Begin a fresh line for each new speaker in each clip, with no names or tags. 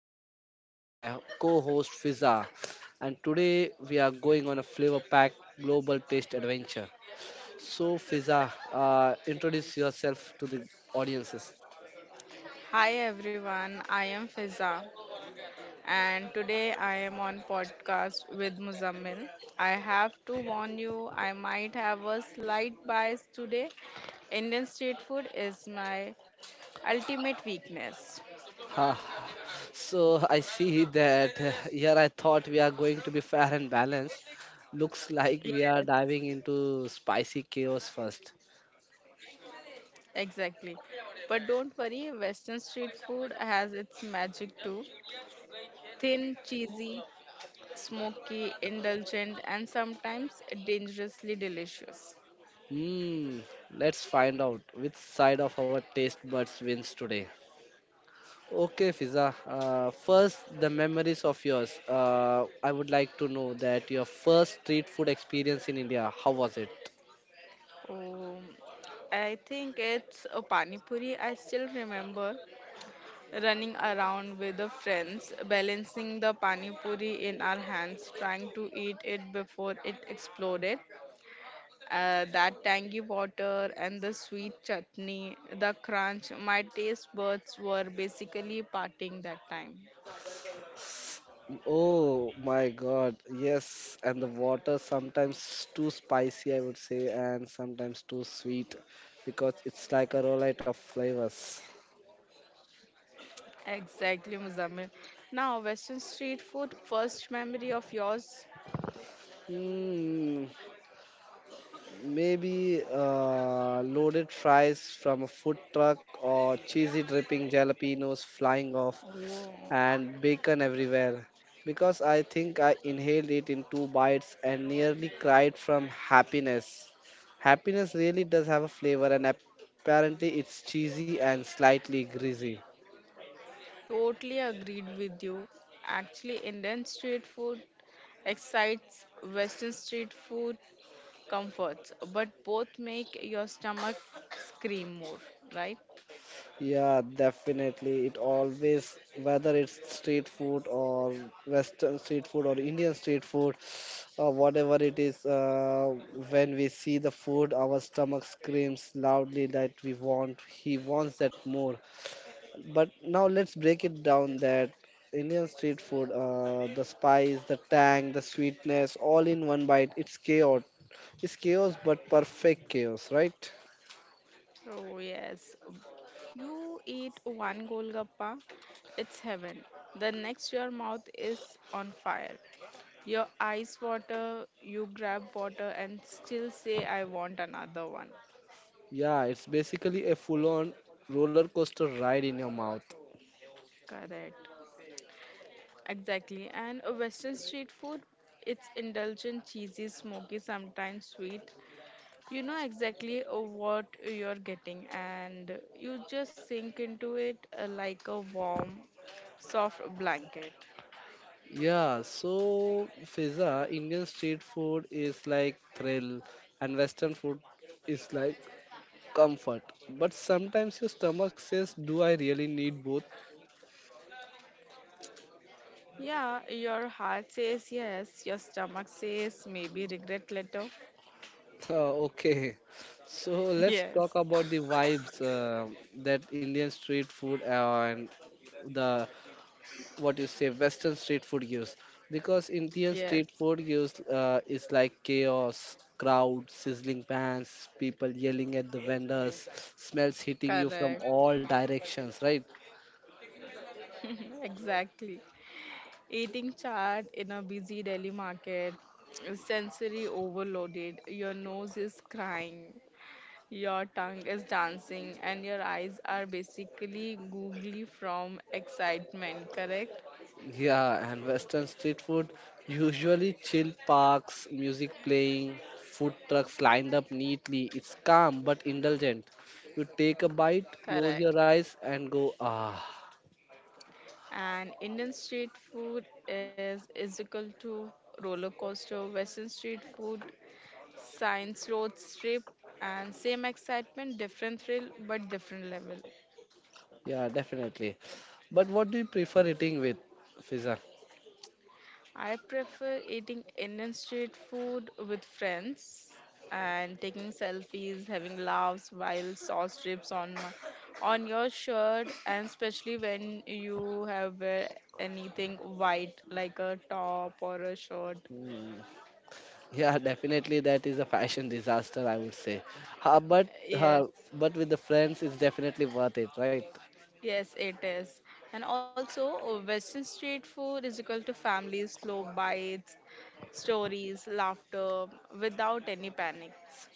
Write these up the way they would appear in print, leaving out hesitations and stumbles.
Tales with my co-host Fiza. And today we are going on a flavor-packed global taste adventure. So Fiza, introduce yourself to the audiences.
Hi everyone, I am Fiza and today I am on podcast with Muzammil. I have to warn you, I might have a slight bias today. Indian street food is my ultimate weakness.
Ha. So I see that here I thought we are going to be fair and balanced. Looks like we are
Yes,
diving into spicy chaos first.
exactly. But don't worry, Western street food has its magic too. Thin, cheesy, smoky, indulgent, and sometimes dangerously delicious.
Hmm. Let's find out which side of our taste buds wins today. Okay, Fiza. First, the memories of yours. I would like to know that your first street food experience in India. How was it?
Oh, I think it's a pani puri. I still remember running around with the friends, balancing the pani puri in our hands, trying to eat it before it exploded. That tangy water and the sweet chutney, the crunch, my taste buds were basically partying that time.
Oh my God, yes. And the water sometimes too spicy, I would say, and sometimes too sweet because it's like a roulette of flavors.
Exactly, Muzammil. Now, Western street food, first memory of yours?
Hmm. Maybe loaded fries from a food truck or cheesy dripping jalapenos flying off
Oh.
and bacon everywhere. Because I think I inhaled it in two bites and nearly cried from happiness. Happiness really does have a flavor, and apparently it's cheesy and slightly greasy.
Totally agreed with you. Actually, Indian street food excites Western street food comforts, but both make your stomach scream more, right?
Yeah, definitely. It always, whether it's street food or Western street food or Indian street food, or whatever it is, when we see the food, our stomach screams loudly that we want, he wants that more. But now let's break it down that Indian street food, the spice, the tang, the sweetness, all in one bite. It's chaos. It's chaos, but perfect chaos, right?
Oh yes, you eat one golgappa, it's heaven. The next your mouth is on fire. Your eyes water, you grab water and still say I want another one.
Yeah, it's basically a full-on roller coaster ride in your mouth.
Correct. Exactly. And a Western street food, it's indulgent, cheesy, smoky, sometimes sweet. You know exactly what you're getting, and you just sink into it like a warm, soft blanket.
Yeah, so Fiza, Indian street food is like thrill and Western food is like comfort. But sometimes your stomach says, do I really need both?
Yeah, your heart says yes, your stomach says maybe regret later.
Okay, so let's talk
Yes,
about the vibes that Indian street food and the what you say Western street food gives, because Indian
yes,
street food gives is like chaos, crowd, sizzling pans, people yelling at the vendors, smells hitting you from
correct.
all directions, right?
Exactly. Eating chaat in a busy Delhi market, sensory overloaded, your nose is crying, your tongue is dancing, and your eyes are basically googly from excitement, correct?
Yeah, and Western street food, usually chill parks, music playing, food trucks lined up neatly. It's calm but indulgent. You take a bite, close
Correct.
your eyes, and go ah.
And Indian street food is equal to roller coaster, Western street food, science road strip, and same excitement, different thrill, but different level.
Yeah, definitely. But what do you prefer eating with, Fiza?
I prefer eating Indian street food with friends and taking selfies, having laughs while sauce drips on on your shirt, and especially when you have wear anything white like a top or a shirt.
Hmm. Yeah, definitely that is a fashion disaster, I would say. Uh, but
Yes,
uh, but with the friends, it's definitely worth it, right?
yes, it is. And also, Western street food is equal to family, slow bites, stories, laughter without any panics.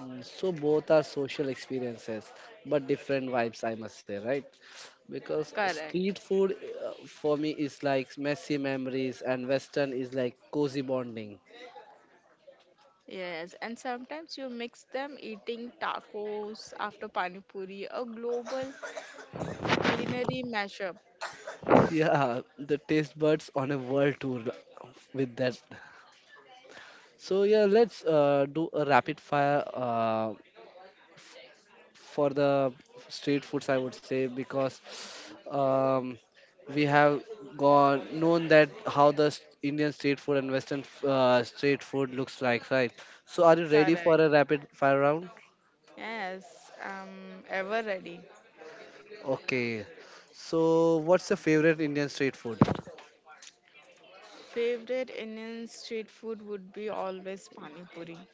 Mm. So both are social experiences, but different vibes, I must say, right? Because
Correct.
street food for me is like messy memories, and Western is like cozy bonding.
Yes, and sometimes you mix them eating tacos after pani puri, a global culinary mashup.
Yeah, the taste buds on a world tour with that. So yeah, let's do a rapid fire. For the street foods, I would say, because um, we have gone known that how the Indian street food and Western street food looks like, right? So, are you ready for a
Correct.
rapid fire round?
Yes, I'm ever ready.
Okay. So, what's your favorite Indian street food?
Favorite Indian street food would be always pani puri.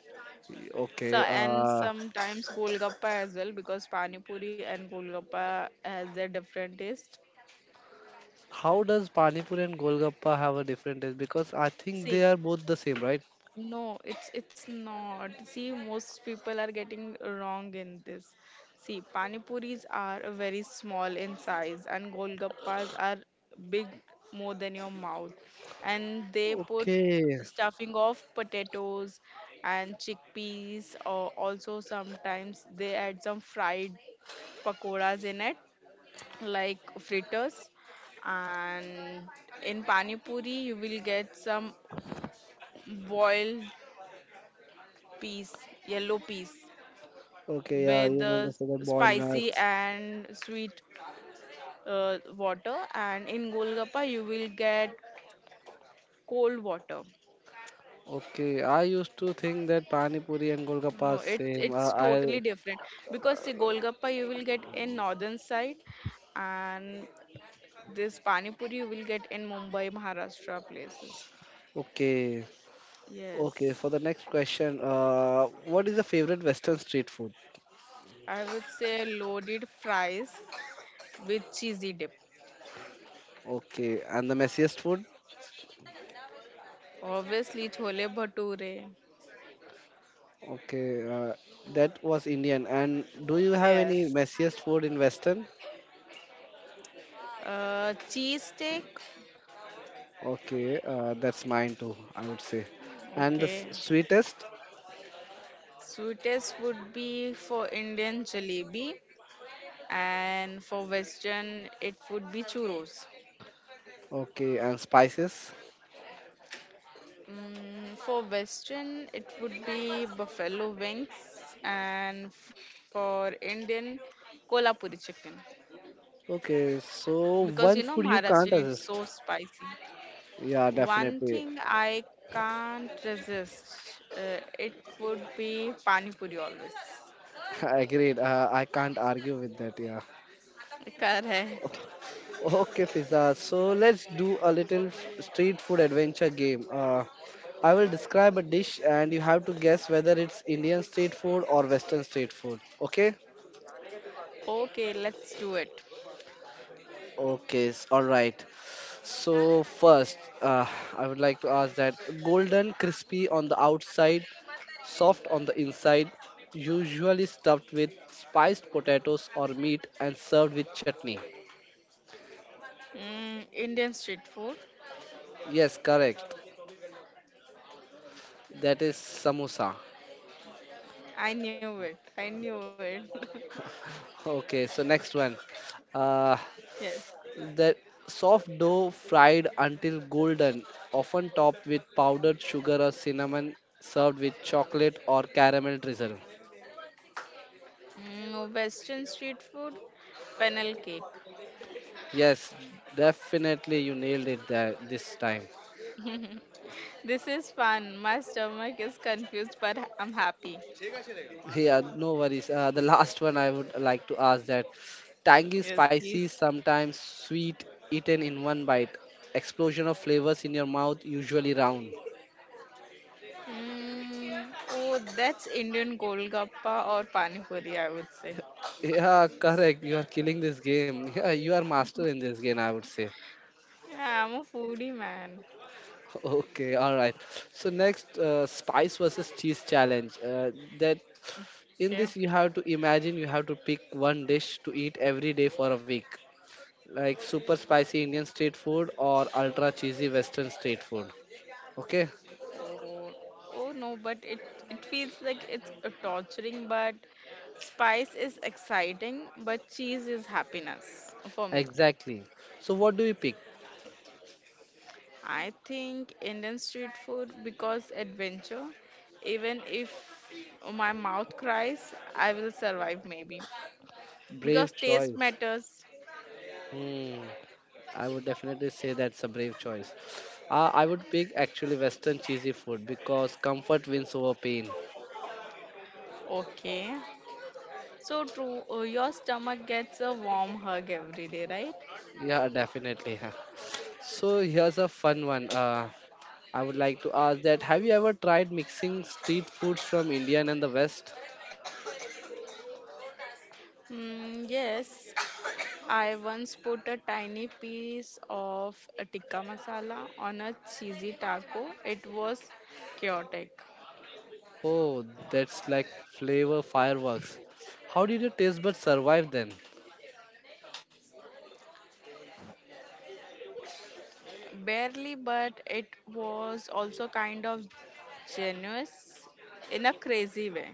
So
Okay.
and sometimes golgappa as well because pani puri and golgappa has their different taste.
How does Pani Puri and Golgappa have a different taste? Because I think they
See,
are both the same, right?
no, it's not. See, most people are getting wrong in this. See, pani puris are very small in size, and golgappas are big, more than your mouth, and they put
Okay.
stuffing of potatoes and chickpeas, or also sometimes they add some fried pakoras in it, like fritters, and in pani puri you will get some boiled peas, yellow peas
Okay. Yeah,
with
you meant
the
to say the boiled
spicy
nuts.
and sweet water and in golgappa you will get cold water.
Okay, I used to think that Pani Puri and Golgappa are
No, it's
same.
it's
I
totally different because see golgappa you will get in northern side and this pani puri you will get in Mumbai Maharashtra places.
Okay, okay. For the
Yes.
next question, what is the favorite Western street food?
I would say loaded fries with cheesy dip.
Okay, and the messiest food?
Obviously chole bhature.
Okay, that was Indian. And do you have any
Yes,
messiest food in Western?
cheese steak.
Okay, that's mine too. I would say. And the
Okay.
sweetest?
Sweetest would be for Indian jalebi, and for Western, it would be churros.
Okay, and spices?
Mm, for Western, it would be buffalo wings, and for Indian, kolhapuri chicken.
Okay,
Because
so
you know,
one food you
Maharashtrian, it's
can't
so
resist.
spicy.
Yeah,
One thing
definitely.
I can't resist, it would be pani puri always.
Agreed. I can't argue with that. Yeah.
Correct.
Okay, Fiza. So let's do a little street food adventure game. I will describe a dish and you have to guess whether it's Indian street food or Western street food. Okay?
Okay, let's do it.
Okay, all right. So first, I would like to ask that golden crispy on the outside, soft on the inside, usually stuffed with spiced potatoes or meat and served with chutney.
Mm, Indian street food.
Yes, correct. That is samosa.
I knew it. I knew it.
Okay, so next one. Uh,
Yes.
the soft dough fried until golden, often topped with powdered sugar or cinnamon, served with chocolate or caramel drizzle.
Mm, Western street food. Fennel cake.
Yes, definitely you nailed it there this time.
This is fun. My stomach is confused, but I'm happy.
Yeah, no worries. The last one I would like to ask that tangy,
Yes,
spicy,
please.
sometimes sweet, eaten in one bite. Explosion of flavors in your mouth, usually round.
Mm, oh, that's Indian golgappa or pani puri, I would say.
Yeah, correct. You are killing this game. Yeah, you are master in this game, I would say.
Yeah, I'm a foodie man.
Okay, all right. So next, spice versus cheese challenge. That
Okay.
In this you have to imagine you have to pick one dish to eat every day for a week, like super spicy Indian street food or ultra cheesy Western street food. Okay,
Oh, oh no, but it feels like it's a torturing, but spice is exciting, but cheese is happiness for me.
exactly. So what do you pick?
I think Indian street food because adventure. Even if my mouth cries, I will survive maybe. Because
Brave
taste
choice.
matters.
Hmm. I would definitely say that's a brave choice. I would pick actually Western cheesy food because comfort wins over pain.
Okay. So true. Oh, your stomach gets a warm hug every day, right?
Yeah, definitely. Huh. So here's a fun one. I would like to ask that have you ever tried mixing street foods from India and the West?
Mm, yes. I once put a tiny piece of a tikka masala on a cheesy taco. It was chaotic.
Oh, that's like flavor fireworks. How did your taste buds survive then?
Barely, but it was also kind of generous in a crazy way.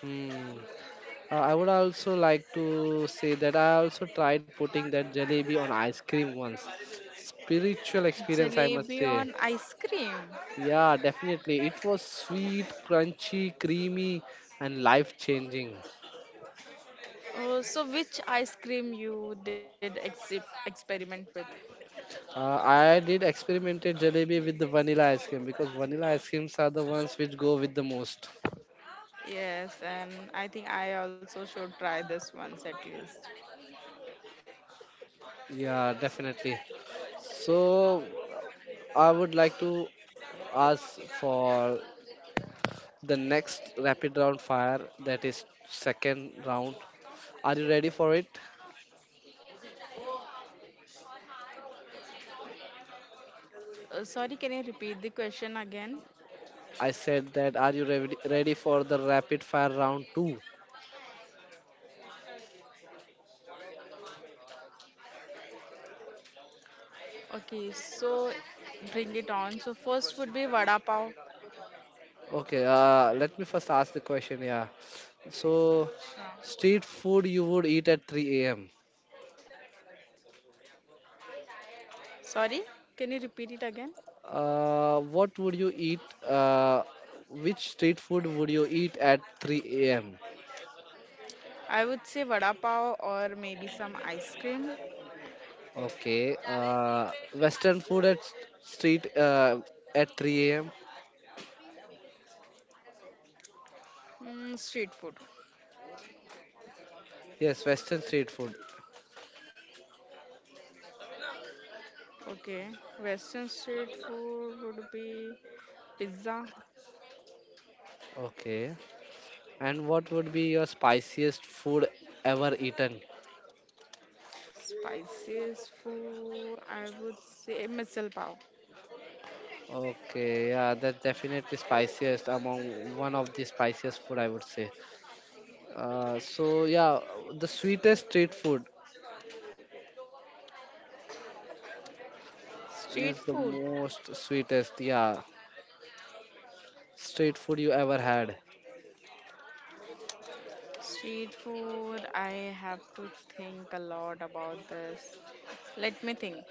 Hmm. I would also like to say that I also tried putting that jalebi on ice cream once. Spiritual experience, I must
Jalebi
say.
on ice cream.
Yeah, definitely. It was sweet, crunchy, creamy, and life changing.
Oh, so which ice cream you did experiment with?
I did experimented jalebi with the vanilla ice cream because vanilla ice creams are the ones which go with the most.
Yes, and I think I also should try this once at least.
Yeah, definitely. So I would like to ask for the next rapid round fire that is second round. Are you ready for it?
Sorry, can you repeat the question again?
I said that are you ready for the rapid fire round 2?
Okay, so bring it on. So first would be vada pav.
Okay, let me first ask the question, yeah. So,
Sure.
street food you would eat at 3 a.m.?
Sorry, can you repeat it again?
What would you eat? Which street food would you eat at 3 a.m.?
I would say vada pav or maybe some ice cream.
Okay, Western food at street at 3 a.m.
Mm, street food.
Yes, Western street food.
Okay, Western street food would be pizza.
Okay, and what would be your spiciest food ever eaten?
Spices food. I would say misal pav.
Okay, yeah, that's definitely spiciest among one of the spiciest food I would say. So yeah, the sweetest street food means
Street
the
food.
most sweetest, yeah, street food you ever had.
Street food. I have to think a lot about this. Let me think.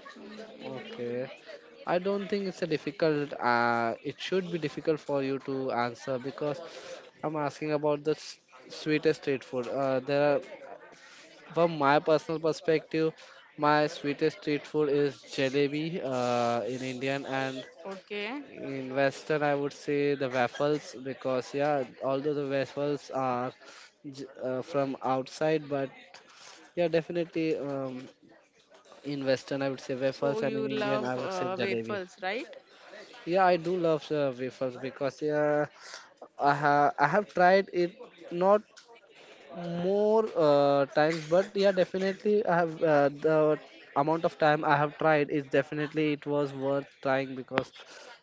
Mm,
Okay, I don't think it's a difficult. It should be difficult for you to answer because I'm asking about the sweetest street food. There are, from my personal perspective, my sweetest street food is jalebi in Indian, and
okay.
in Western, I would say the waffles because yeah, although the waffles are from outside, but yeah, definitely in Western I would say
So
waffles, and in
you
Indian I
love
would say jalebi.
wafers, right?
Yeah, I do love waffles because yeah, I have tried it not more times, but yeah definitely I have the amount of time I have tried is definitely it was worth trying, because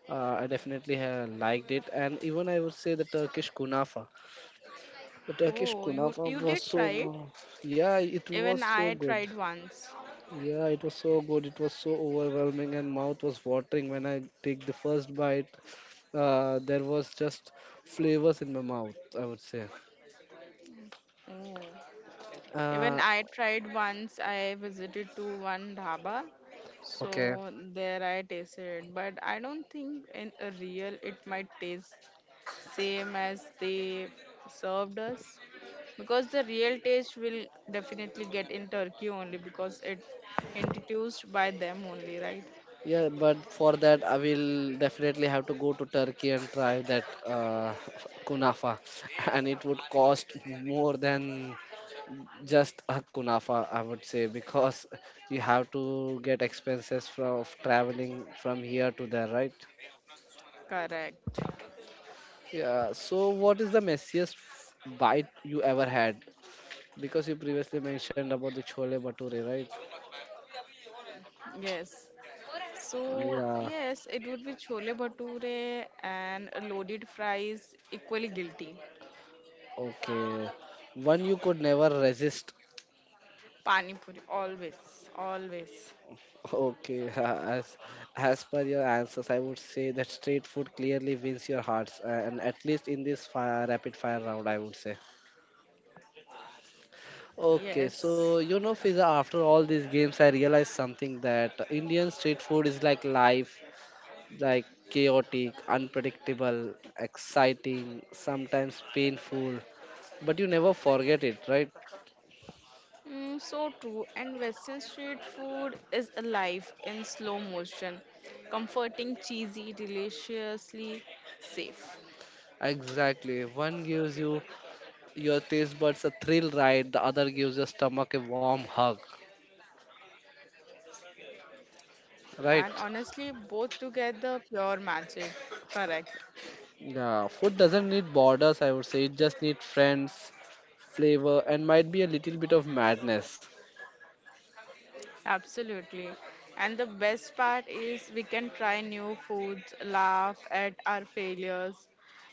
I definitely liked it. And even I would say the turkish kunafa the turkish
Oh, you
kunafa
you
was
did
so.
try it.
Yeah, it was
Even
so
I
good.
tried once.
Yeah, it was so good. It was so overwhelming and mouth was watering when I take the first bite. There was just flavors in my mouth, I would say.
Oh. Even
uh,
I tried once. I visited to one dhaba, so
okay.
there I tasted. But I don't think in a real it might taste same as they served us because the real taste will definitely get in Turkey only because it introduced by them only, right?
Yeah, but for that I will definitely have to go to Turkey and try that kunafa, and it would cost more than just a kunafa, I would say, because you have to get expenses from of traveling from here to there, right?
Correct.
Yeah. So, what is the messiest bite you ever had? Because you previously mentioned about the chole bhature, right?
Yes. So,
Yeah.
yes, it would be chole bhature and loaded fries equally guilty.
Okay. One you could never resist.
Pani puri, always, always.
Okay, as per your answers, I would say that street food clearly wins your hearts, and at least in this fire, rapid fire round, I would say. Okay, so
Yes.
you know, Fiza, after all these games, I realized something that Indian street food is like life, like chaotic, unpredictable, exciting, sometimes painful, but you never forget it, right?
Mm, so true. And Western street food is alive in slow motion, comforting, cheesy, deliciously safe.
Exactly. One gives you your taste buds a thrill ride, the other gives your stomach a warm hug,
And honestly,
right?
both together, pure magic. Correct.
Yeah, food doesn't need borders, I would say. It just needs friends, flavor, and might be a little bit of madness.
Absolutely. And the best part is we can try new foods, laugh at our failures,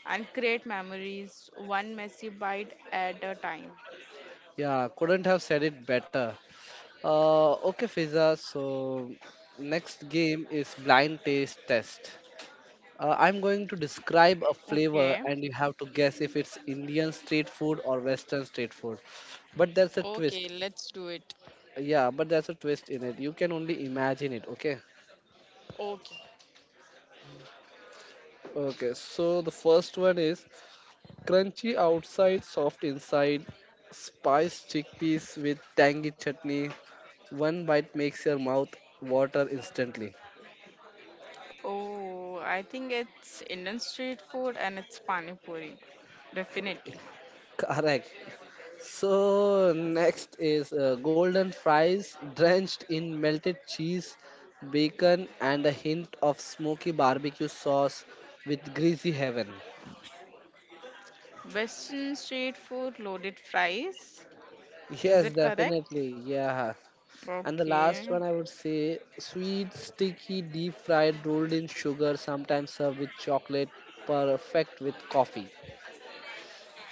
and create memories one messy bite at a time.
Yeah, couldn't have said it better. Okay, Fiza. So, next game is blind taste test. I'm going to describe a flavor,
Okay.
and you have to guess if it's Indian street food or Western street food. But there's a twist.
Okay, let's do it.
Yeah, but there's a twist in it. You can only imagine it. Okay.
Okay.
Okay. So the first one is: crunchy outside, soft inside. Spiced chickpeas with tangy chutney. One bite makes your mouth water instantly.
Oh, I think it's Indian street food and it's pani puri. Definitely.
Correct. So next is golden fries drenched in melted cheese, bacon, and a hint of smoky barbecue sauce with greasy heaven.
Western street food, loaded fries. Is
Yes,
it correct?
definitely. Yeah. And the last
Okay.
one I would say sweet, sticky, deep fried, rolled in sugar, sometimes served with chocolate, perfect with coffee.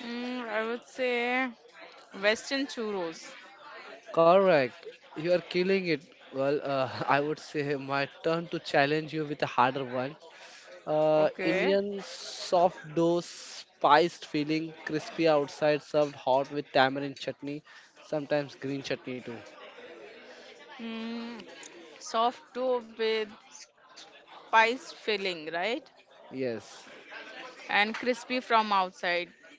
Mm, I would say Western churros.
Correct. You are killing it. Well, I would say my turn to challenge you with a harder one.
Okay.
Indian soft dough, spiced filling, crispy outside, served hot with tamarind chutney, sometimes green chutney too.
Mm, soft dough with spice filling, right?
Yes.
And crispy from outside.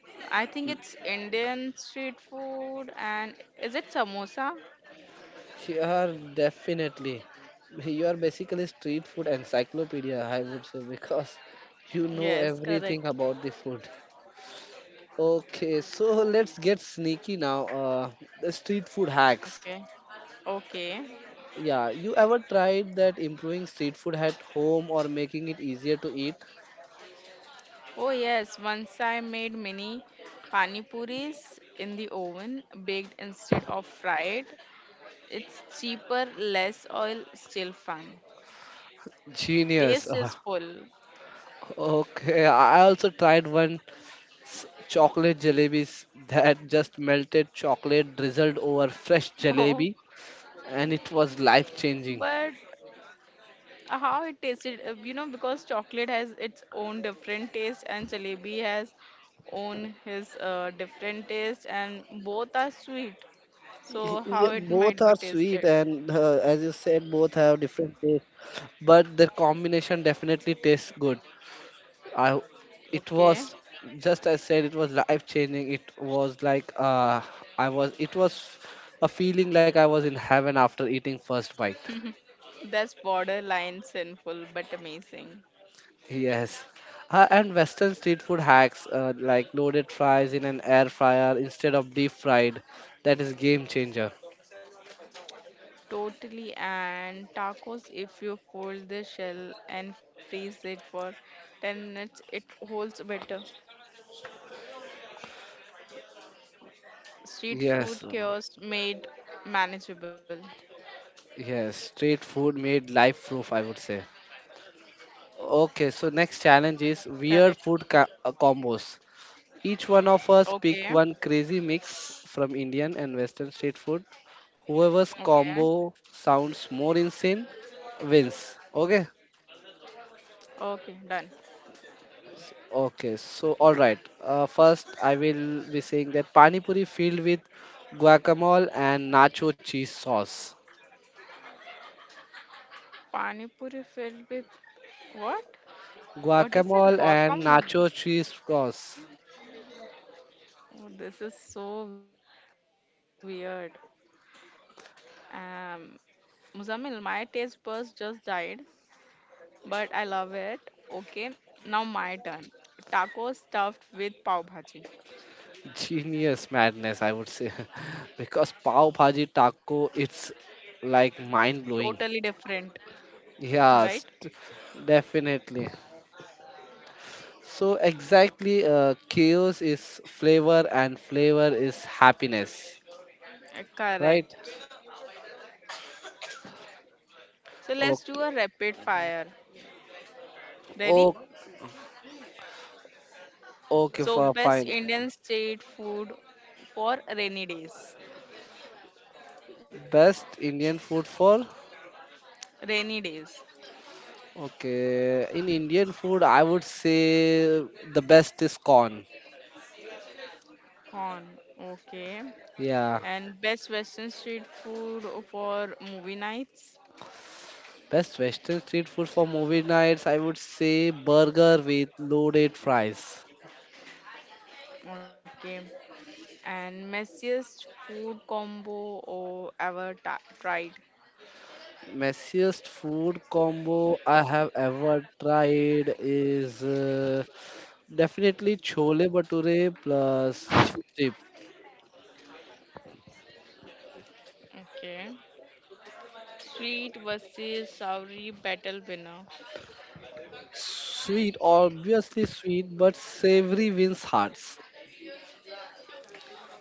I think it's Indian street food and is it samosa?
Sure, definitely. You are basically street food encyclopedia, I would say, because you know
Yes, correct.
everything about the food. Okay, so let's get sneaky now. The street food hacks.
Okay. Okay.
Yeah, you ever tried that improving street food at home or making it easier to eat?
Oh yes, once I made mini pani puris in the oven, baked instead of fried. It's cheaper, less oil, still fun.
Genius.
Taste is full.
Okay, I also tried chocolate jalebis that just melted chocolate drizzled over fresh
Oh,
jalebi, and it was life
but
changing.
How it tasted you know because chocolate has its own different taste and jalebi has own his different taste and both are sweet so how
Yeah,
it
both
might be
are sweet,
tasted.
and as you said, both have different tastes, but their combination definitely tastes good. I, it
Okay.
was I said, it was life changing. It was like it was a feeling like I was in heaven after eating first bite.
That's borderline sinful but amazing.
Yes. And Western street food hacks like loaded fries in an air fryer instead of deep fried, that is game changer.
Totally. And tacos if you fold the shell and freeze it for 10 minutes it holds better. Street
Yes,
food chaos made manageable.
yes, street food made life proof, I would say. Okay, so next challenge is weird
Correct.
combos. Each one of us pick
Okay.
one crazy mix from Indian and Western street food. Whoever's
Okay.
combo sounds more insane wins. Okay?
Okay, done.
Okay, so all right. First, I will be saying that pani puri filled with guacamole and nacho cheese sauce.
Pani puri filled with what? What is it?
Guacamole and
Guacamole.
nacho cheese sauce.
Oh, this is so weird. Um, Muzammil, my taste buds just died, but I love it. Okay, now my turn. Tacos stuffed with pav bhaji.
Genius madness, I would say, because pav bhaji taco, it's like mind blowing.
Totally different, right?
Yes, t- Definitely. So exactly, chaos is flavor and flavor is happiness, right?
Correct. So let's do
Okay,
a rapid fire. Ready?
okay, okay,
So
for
best
fine.
Indian street food for rainy days.
Best Indian food for?
Rainy days.
Okay, in Indian food, I would say the best is corn.
Corn, okay.
Yeah,
And best Western street food for movie nights.
best Western street food for movie nights, I would say burger with loaded fries.
Okay. And messiest food combo or ever tried.
Messiest food combo I have ever tried is definitely chole bhature plus chip.
Okay. Sweet versus soury battle winner.
Sweet, obviously sweet, but savory wins hearts.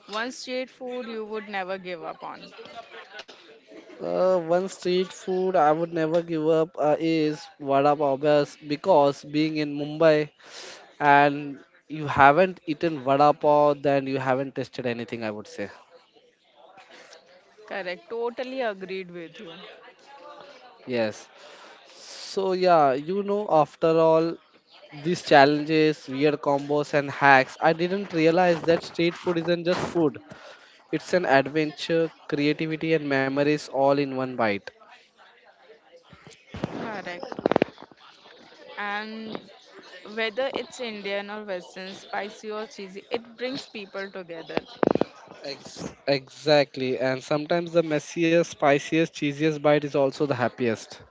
One street food you would never give up on.
One street food I would never give up is because being in Mumbai, and you haven't eaten vada pav, then you haven't tasted anything, I would say.
Correct. Totally agreed with you.
Yes. So, yeah, you know, after all these challenges, weird combos, and hacks, I didn't realize that street food isn't just food, it's an adventure, creativity, and memories all in one bite.
Correct. And whether it's Indian or Western, spicy or cheesy, it brings people together.
Exactly. And sometimes the messiest, spiciest, cheesiest bite is also the happiest.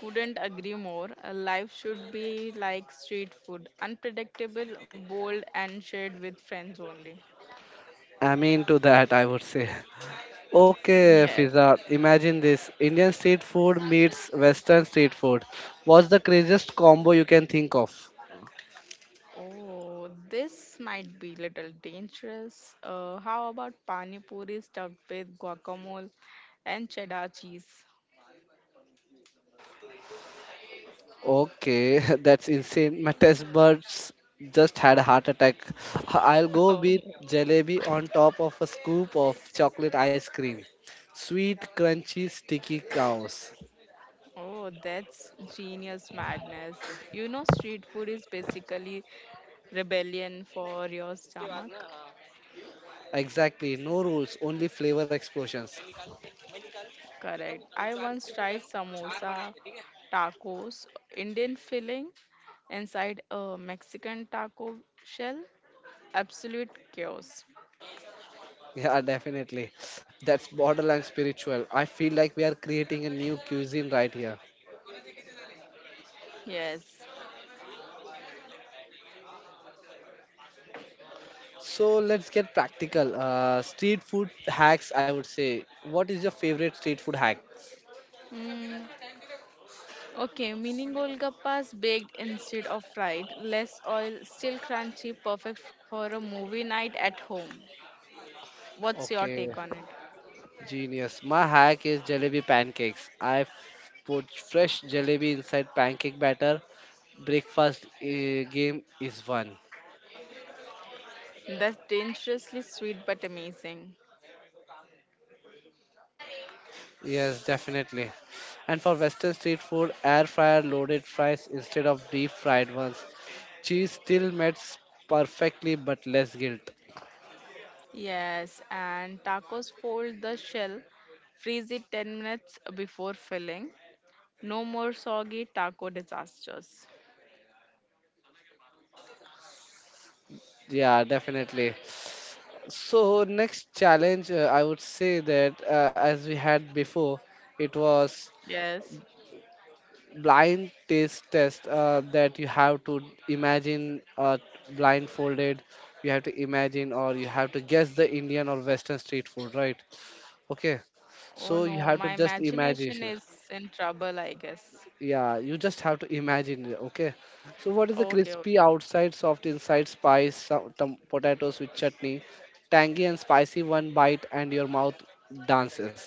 Couldn't agree more. A life should be like street food, unpredictable, bold, and shared with friends only.
I mean, to that, I would say. Okay,
Yes.
Fiza, imagine this. Indian street food meets Western street food. What's the craziest combo you can think of?
Oh, this might be little dangerous. How about pani puri stuffed with guacamole and cheddar cheese?
Okay, that's insane. My test buds just had a heart attack. I'll go
Oh,
with jalebi on top of a scoop of chocolate ice cream. Sweet, crunchy, sticky cows.
oh, that's genius madness. You know, street food is basically rebellion for your stomach.
Exactly, no rules, only flavor explosions.
Correct. I once tried samosa, tacos, Indian filling inside a Mexican taco shell. Absolute chaos.
Yeah, definitely. That's borderline spiritual. I feel like we are creating a new cuisine right here.
Yes.
So let's get practical. Street food hacks, I would say. What is your favorite street food hack?
Mm. Okay, mini golgappas baked instead of fried. Less oil, still crunchy, perfect for a movie night at home. What's your take
Okay,
on it?
genius. My hack is jalebi pancakes. Put fresh jalebi inside pancake batter. Breakfast game is one.
That's dangerously sweet but amazing.
Yes, definitely. And for Western street food, air fryer loaded fries instead of deep fried ones. Cheese still melts perfectly but less guilt.
Yes, and tacos fold the shell, freeze it 10 minutes before filling. No more soggy taco disasters.
Yeah, definitely. So next challenge, I would say that as we had before, it was
Yes.
blind taste test that you have to imagine blindfolded. You have to imagine or you have to guess the Indian or Western street food, right? Okay,
Oh
so
no,
you
my
have to just
imagination
imagine,
is in trouble, I guess.
yeah, you just have to imagine it. Okay, so what is the
Okay,
crispy
okay.
outside soft inside potatoes with chutney, tangy and spicy, one bite and your mouth dances.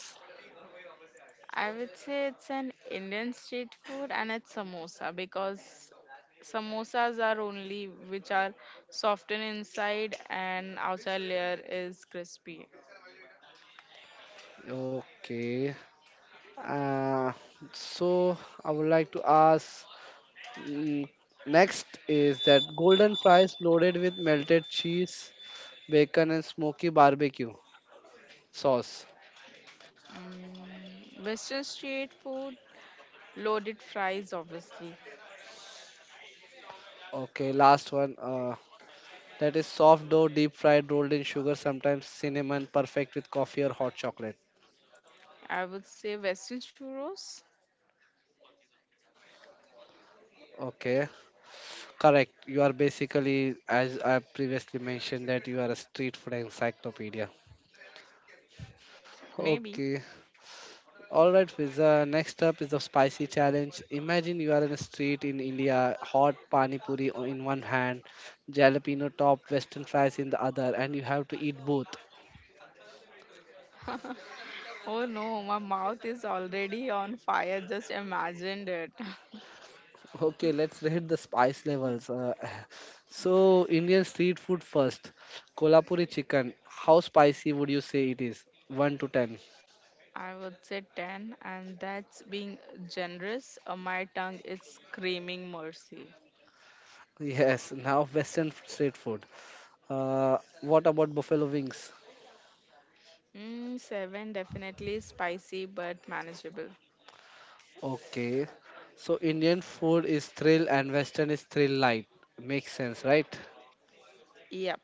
I would say it's an Indian street food and it's samosa because samosas are only which are softened inside and outside layer is crispy.
Okay, uh, so I would like to ask, mm, next is that golden fries loaded with melted cheese, bacon and smoky barbecue sauce.
Mm, Western street food. Loaded fries, obviously.
Okay, last one, that is soft dough, deep fried, rolled in sugar, sometimes cinnamon, perfect with coffee or hot chocolate.
I would say Western churros,
Okay, correct. You are basically, as I previously mentioned, that you are a street food encyclopedia.
maybe.
Okay, all right, Fiza. Next up is the spicy challenge. Imagine you are in a street in India, hot in one hand, jalapeno top, western fries in the other, and you have to eat both.
Oh no, my mouth is already on fire. Just imagined it.
Okay, let's rate the spice levels. So, Indian street food first. Kolhapuri chicken. How spicy would you say it is? 1 to 10.
I would say 10, and that's being generous. My tongue is screaming mercy.
Yes, now Western street food. What about buffalo wings?
Mm, 7 definitely spicy but manageable.
Okay. So, Indian food is thrill and Western is thrill light. Makes sense, right?
Yep.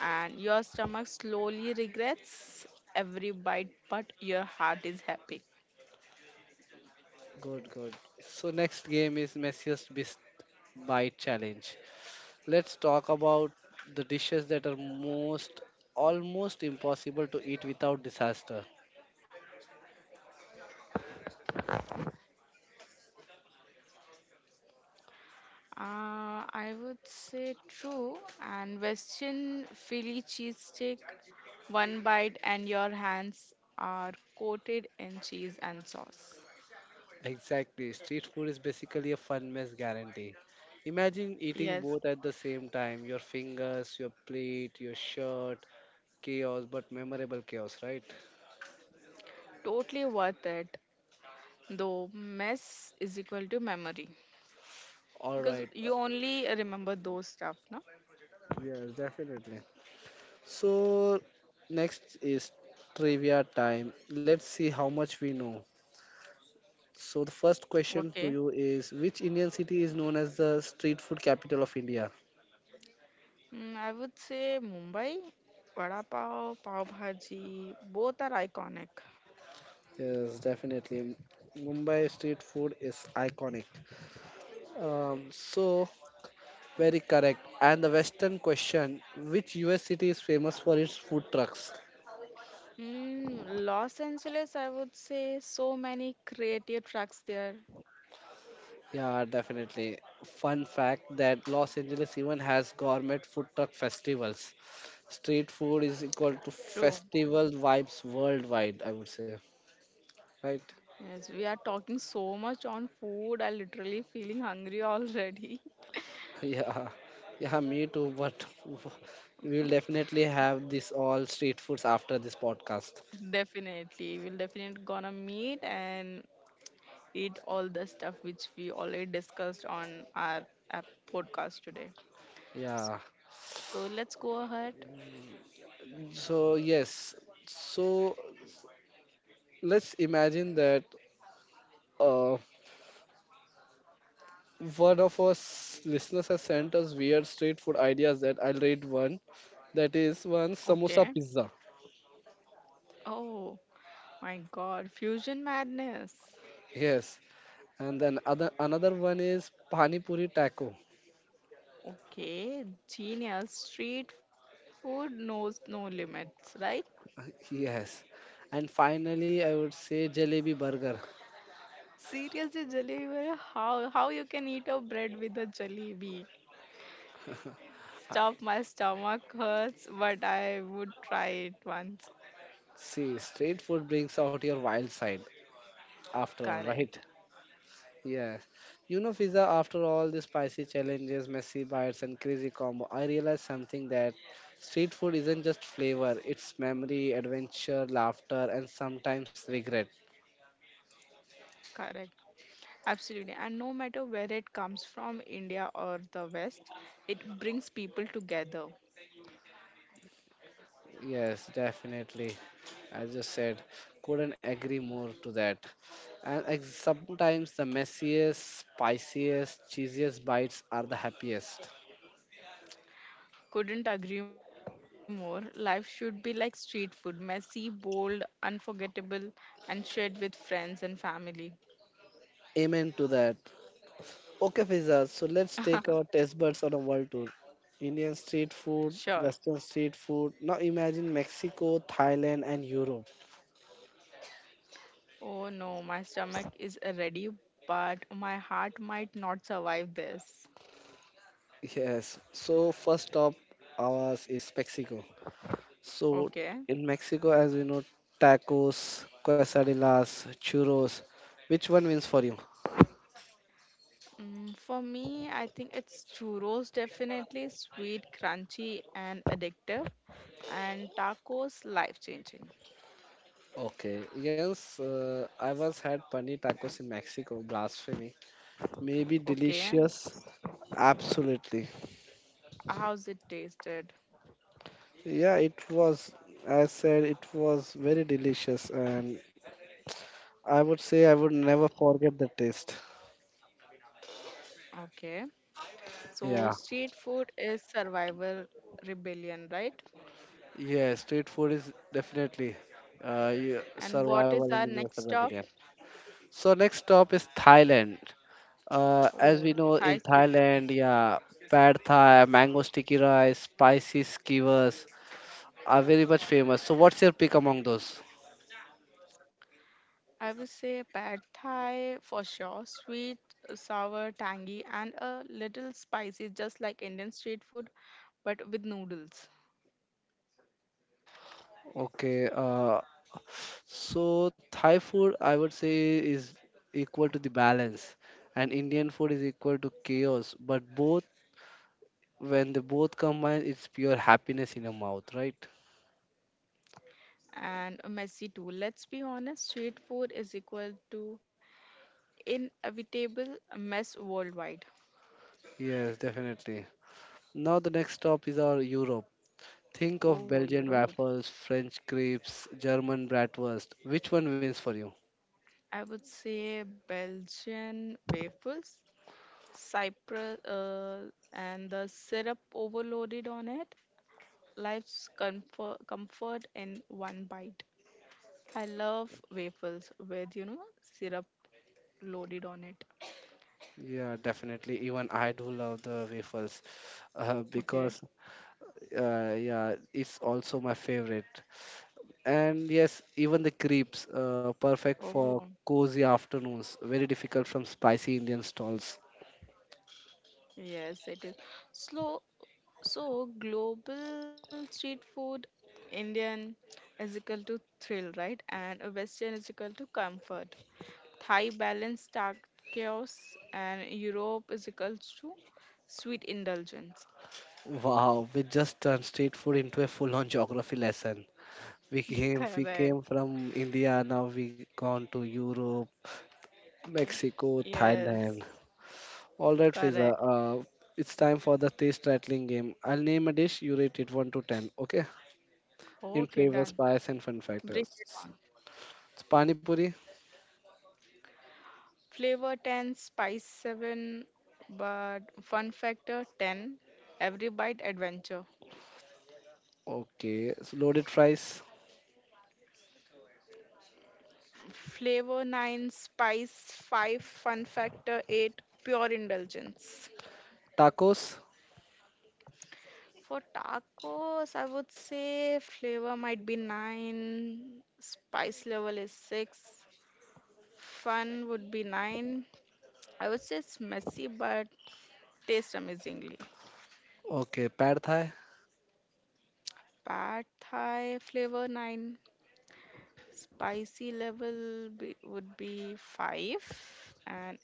And your stomach slowly regrets every bite, but your heart is happy.
Good, good. So, next game is Messiest Beast Bite Challenge. Let's talk about the dishes that are most almost impossible to eat without disaster.
I would say true. And Western Philly cheesesteak, one bite and your hands are coated in cheese and sauce.
Exactly, street food is basically a fun mess guarantee. Imagine eating
Yes,
both at the same time, your fingers, your plate, your shirt. Chaos, but memorable chaos, right?
totally worth it. Though mess is equal to memory because
Alright,
you only remember those stuff, no?
yes, definitely. So, next is trivia time. Let's see how much we know. So the first question to
Okay.
you is which Indian city is known as the street food capital of India?
Mm, I would say Mumbai, vada pav, pav bhaji, both are iconic.
Yes, definitely. Mumbai street food is iconic. So very correct. And the western question, which US city is famous for its food trucks?
Mm, Los Angeles, I would say so many creative tracks there.
Yeah, definitely. Fun fact that Los Angeles even has gourmet food truck festivals. Street food is equal to
True.
festival vibes worldwide, I would say. Right?
Yes, we are talking so much on food. I literally feeling hungry already.
Yeah, yeah, me too. But we'll definitely have this all street foods after this podcast.
Definitely. We'll definitely gonna meet and eat all the stuff which we already discussed on our app podcast today.
Yeah.
So let's go ahead.
So yes. So let's imagine that uh, one of us listeners has sent us weird street food ideas. That I'll read one. That is one samosa
Okay.
pizza.
Oh my God. Fusion madness.
Yes. And then other another one is pani puri taco.
Okay, genius. Street food knows no limits, right?
Yes. And finally, I would say jalebi burger.
Seriously, jalebi, how you can eat a bread with a jalebi? Stop, my stomach hurts, but I would try it once.
See, street food brings out your wild side, after all, right?
Correct,
Yes. You know, Fiza, after all the spicy challenges, messy bites, and crazy combo, I realized something that street food isn't just flavor, it's memory, adventure, laughter, and sometimes regret.
correct. Absolutely. And no matter where it comes from, India or the West, it brings people together.
Yes, definitely. As you said, couldn't agree more to that. And sometimes the messiest, spiciest, cheesiest bites are the happiest.
Couldn't agree more. Life should be like street food, messy, bold, unforgettable, and shared with friends and family.
Amen to that. Okay, Fiza, so let's take our taste buds on a world tour. Indian street food,
Sure.
Western street food. Now imagine Mexico, Thailand, and Europe.
Oh no, my stomach is ready, but my heart might not survive this.
Yes, so first stop ours is Mexico. So
Okay.
in Mexico, as you know, tacos, quesadillas, churros. Which one wins for you?
For me, I think it's churros, definitely sweet, crunchy, and addictive, and tacos, life-changing.
Okay, yes, I once had paneer tacos in Mexico. Blasphemy. Maybe
Okay.
delicious?
S-
Absolutely.
How's it tasted?
Yeah, it was, I said it was very delicious, and I would say I would never forget the taste.
Okay. So,
Yeah.
street food is survival rebellion, right?
Yeah, street food is definitely
And what is
survival and
our next
universal
stop?
rebellion. So next stop is Thailand. As we
Oh,
know in
Thai street
Thailand, yeah, pad thai, mango sticky rice, spicy skewers are very much famous. So what's your pick among those?
I would say pad thai for sure. Sweet, sour, tangy, and a little spicy, just like Indian street food, but with noodles.
Okay, so Thai food, I would say, is equal to the balance, and Indian food is equal to chaos. But both, when they both combine, it's pure happiness in your mouth, right?
And messy too. Let's be honest, street food is equal to inevitable mess worldwide.
Yes, definitely. Now the next stop is our Europe. Think of
Oh,
Belgian
Europe.
waffles, French crepes, German bratwurst. Which one wins for you?
I would say Belgian waffles, Cyprus, and the syrup overloaded on it. Life's comfort, comfort in one bite. I love waffles with, you know, syrup loaded on it.
Yeah, definitely. Even I do love the waffles
Okay.
because yeah, it's also my favorite. And yes, even the crepes, perfect for
Oh,
cozy afternoons. Very difficult from spicy Indian stalls.
yes, it is. Slow. So, global street food, Indian is equal to thrill, right? And a Western is equal to comfort. Thai balance, dark chaos, and Europe is equal to sweet indulgence.
Wow, we just turned street food into a full-on geography lesson. We
Correct.
came from India. Now we gone to Europe, Mexico,
Yes,
Thailand. All right, Fiza.
correct.
It's time for the taste rattling game. I'll name a dish. You rate it one to ten. Okay? In
Okay,
flavor,
done.
spice, and fun
Bring it
factors.
on.
So, pani puri.
Flavor 10, spice 7, but fun factor 10, every bite adventure.
Okay. So loaded fries.
Flavor 9, spice 5, fun factor 8, pure indulgence.
Tacos.
For tacos, I would say flavor might be 9, spice level is 6, fun would be 9. I would say it's messy but tastes amazingly.
Okay, pad thai.
Pad Thai flavor 9, spicy level would be 5, and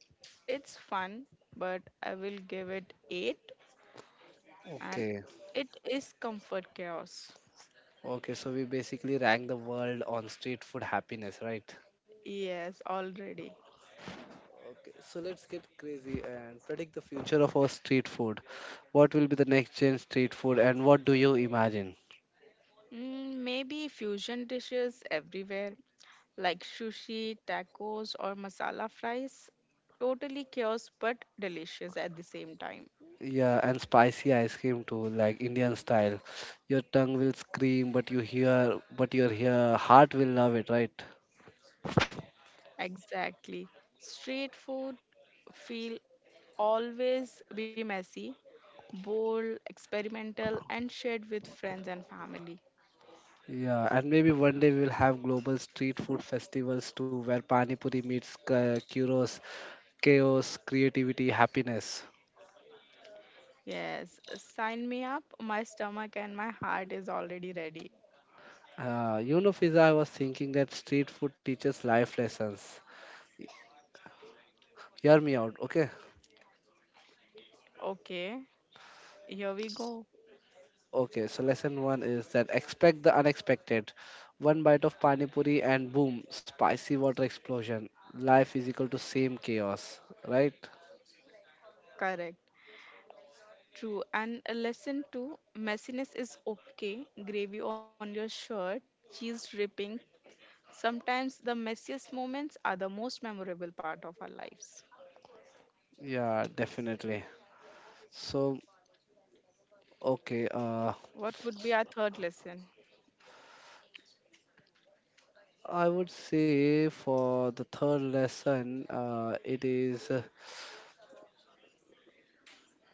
it's fun, but I will give it 8, and
Okay.
it is comfort chaos.
Okay, so we basically rank the world on street food happiness, right?
Yes, already.
Okay, so let's get crazy and predict the future of our street food. What will be the next gen street food and what do you imagine?
Maybe fusion dishes everywhere like sushi, tacos, or masala fries. Totally chaos but delicious at the same time.
Yeah, and spicy ice cream too, like Indian style. Your tongue will scream, but your heart will love it, right?
Exactly. Street food feel always be messy bold, experimental, and shared with friends and family.
Yeah, and maybe one day we will have global street food festivals too, where pani puri meets gyros chaos, creativity, happiness.
Yes, sign me up. My stomach and my heart is already ready.
You know, Fiza, I was thinking that street food teaches life lessons. Hear me out, okay?
Okay, here we go.
Okay, so lesson one is that expect the unexpected. One bite of pani puri and boom, spicy water explosion. Life is equal to same chaos, right?
Correct. True. And a lesson two, messiness is okay. Gravy on your shirt, cheese dripping. Sometimes the messiest moments are the most memorable part of our lives.
Yeah, definitely. So, okay,
What would be our third lesson?
I would say for the third lesson, it is,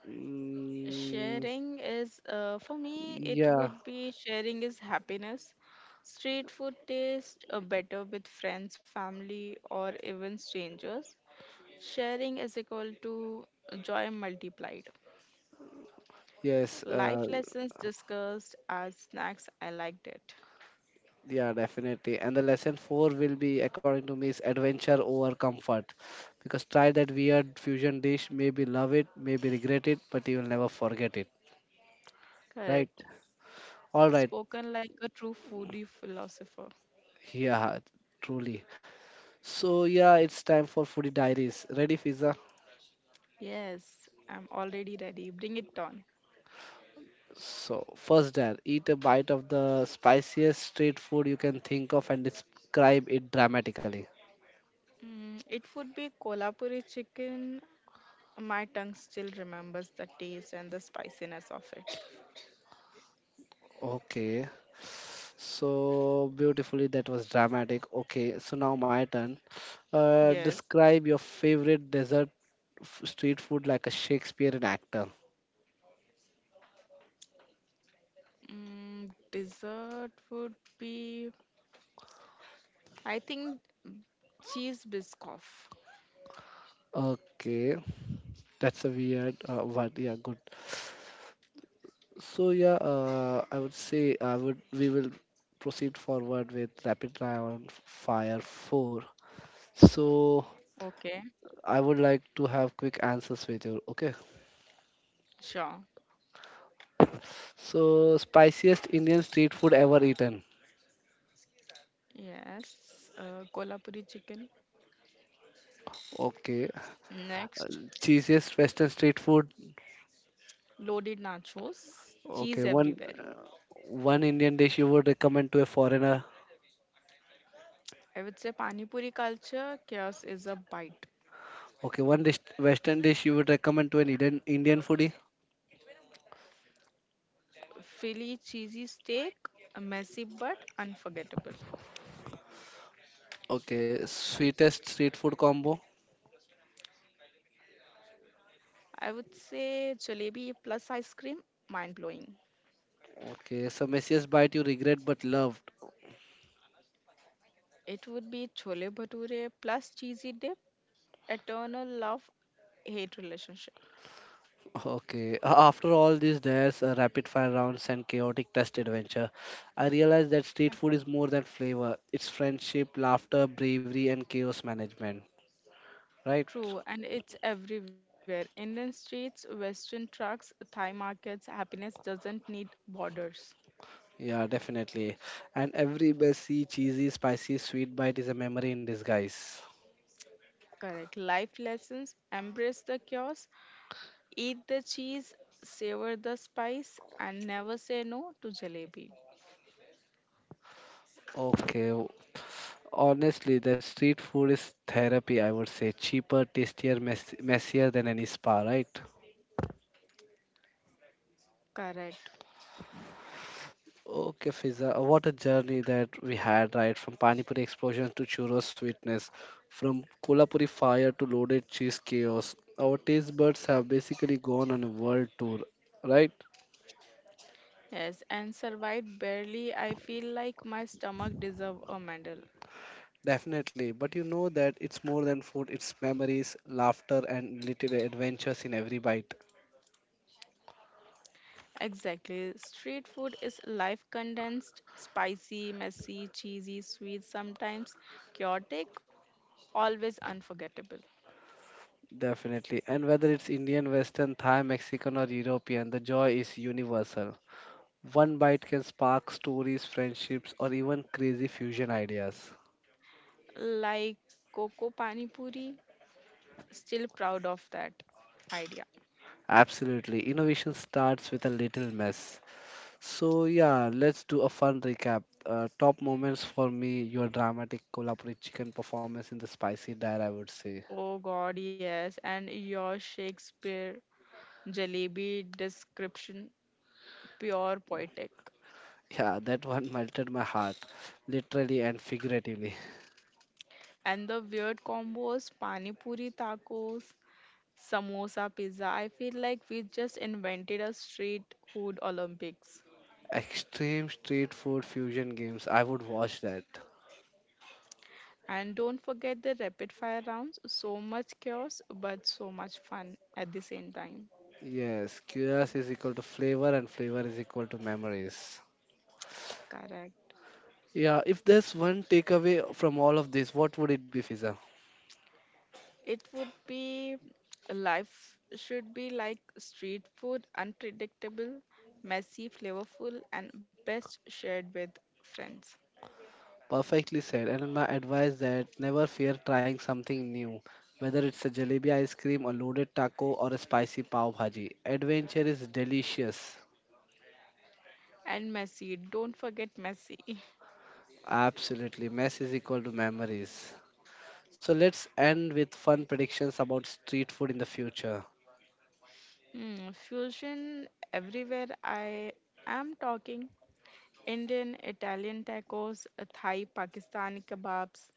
mm,
Sharing is, uh, for me, it
yeah.
would be sharing is happiness. Street food taste better with friends, family, or even strangers. Sharing is equal to joy multiplied.
Yes,
Life lessons discussed as snacks. I liked it.
yeah, definitely. And the lesson four will be, according to me, is adventure over comfort. Because try that weird fusion dish, maybe love it, maybe regret it, but you will never forget it, right?
Correct.
All right,
Spoken like a true foodie philosopher.
yeah, truly. So yeah, it's time for foodie diaries. Ready, Fiza?
Yes, I'm already ready. Bring it on.
So first, dare eat a bite of the spiciest street food you can think of and describe it dramatically.
It would be Kolhapuri chicken. My tongue still remembers the taste and the spiciness of it.
Okay. So beautifully, that was dramatic. Okay, so now my turn.
Yes.
Describe your favorite dessert street food like a Shakespearean actor.
Dessert would be, I think, cheese biscoff.
Okay, that's a weird one. Yeah, good. So yeah, I would say I would we will proceed forward with rapid round fire four. So
Okay,
I would like to have quick answers with you. Okay.
sure.
So spiciest Indian street food ever eaten.
Yes. Kolhapuri chicken.
Okay.
Next,
Cheesiest Western street food.
loaded nachos, cheese
Okay, one
everywhere.
one Indian dish you would recommend to a foreigner.
I would say pani puri culture, chaos is a bite.
Okay, one dish, Western dish you would recommend to an Indian foodie.
Philly cheesy steak, messy but unforgettable.
Okay, sweetest street food combo.
I would say jalebi plus ice cream, mind blowing.
Okay, so messiest bite you regret but loved.
It would be chole bhature plus cheesy dip, eternal love hate relationship.
Okay, after all this, there's a rapid fire rounds and chaotic test adventure. I realized that street food is more than flavor. It's friendship, laughter, bravery, and chaos management. Right?
True, and it's everywhere. Indian streets, Western trucks, Thai markets, happiness doesn't need borders.
Yeah, definitely. And every messy, cheesy, spicy, sweet bite is a memory in disguise.
Correct. Life lessons embrace the chaos, eat the cheese, savor the spice, and never say no to jalebi.
Okay, honestly, the street food is therapy, I would say. Cheaper, tastier, messier than any spa, right?
Correct.
Okay, Fiza, what a journey that we had, right? From pani puri explosion to churros sweetness, from kolhapuri fire to loaded cheese chaos. Our taste buds have basically gone on a world tour, right?
Yes, and survived barely. I feel like my stomach deserve a medal.
Definitely, but you know that it's more than food, it's memories, laughter, and little adventures in every bite.
Exactly. Street food is life condensed, spicy, messy, cheesy, sweet, sometimes chaotic, always unforgettable.
Definitely. And whether it's Indian, Western, Thai, Mexican, or European, the joy is universal. One bite can spark stories, friendships, or even crazy fusion ideas.
Like Coco Pani Puri, still proud of that idea.
Absolutely, innovation starts with a little mess. So, yeah, let's do a fun recap. Top moments for me your dramatic Kolhapuri chicken performance in the spicy diet, I would say.
Oh God, yes. And your Shakespeare jalebi description, pure poetic.
Yeah, that one melted my heart, literally and figuratively.
And the weird combos, Pani Puri tacos, Samosa, pizza. I feel like we just invented a street food Olympics.
Extreme street food fusion games, I would watch that.
And don't forget the rapid fire rounds. So much chaos, but so much fun at the same time.
Yes, chaos is equal to flavor and flavor is equal to memories.
Correct.
Yeah, if there's one takeaway from all of this, what would it be, Fiza?
It would be life should be like street food, unpredictable, messy, flavorful, and best shared with friends.
Perfectly said. And my advice that never fear trying something new. Whether it's a jalebi ice cream, a loaded taco, or a spicy pav bhaji, adventure is delicious.
And messy, don't forget messy.
Absolutely, mess is equal to memories. So let's end with fun predictions about street food in the future.
Fusion everywhere, I am talking Indian, Italian tacos, Thai, Pakistani kebabs,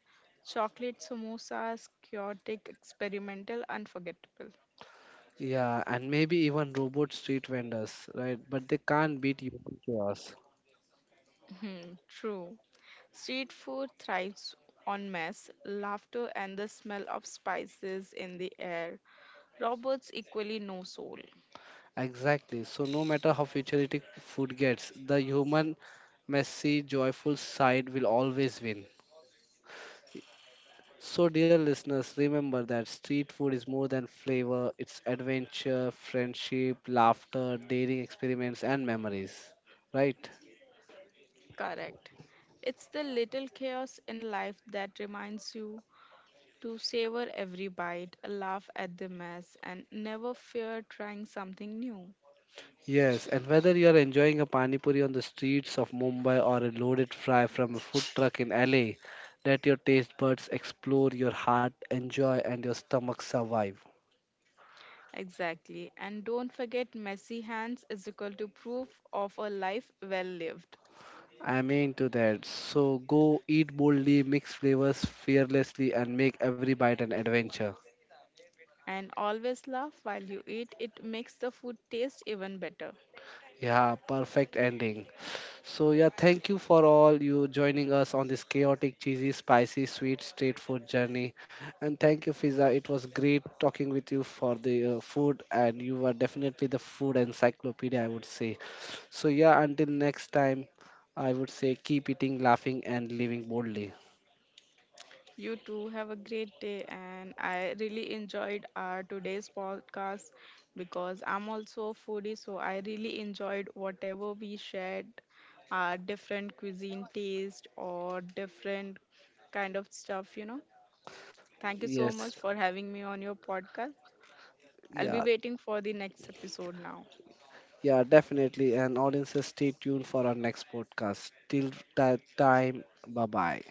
chocolate samosas, chaotic, experimental, unforgettable.
Yeah, and maybe even robot street vendors, right? But they can't beat human chaos.
Mhm. True. Street food thrives on mess, laughter, and the smell of spices in the air. Robots equally no soul.
Exactly. So no matter how futuristic food gets, the human, messy, joyful side will always win. So dear listeners, remember that street food is more than flavor, it's adventure, friendship, laughter, daring experiments and memories. Right?
Correct. It's the little chaos in life that reminds you to savor every bite, laugh at the mess, and never fear trying something new.
Yes, and whether you are enjoying a pani puri on the streets of Mumbai or a loaded fry from a food truck in LA, let your taste buds explore your heart, enjoy, and your stomach survive.
Exactly. And don't forget, messy hands is equal to proof of a life well lived.
I'm into that. So go eat boldly, mix flavors fearlessly, and make every bite an adventure.
And always laugh while you eat, it makes the food taste even better.
Yeah, perfect ending. So yeah, thank you for all you joining us on this chaotic, cheesy, spicy, sweet street food journey. And thank you, Fiza. It was great talking with you for the food, and you are definitely the food encyclopedia, I would say. So yeah, until next time, I would say keep eating, laughing, and living boldly.
You too, have a great day, and I really enjoyed our today's podcast because I'm also a foodie, so I really enjoyed whatever we shared, our different cuisine taste or different kind of stuff, you know. Thank you so
Yes,
much for having me on your podcast. I'll be
yeah,
waiting for the next episode now.
yeah, definitely. And audiences, stay tuned for our next podcast. Till that time, bye bye.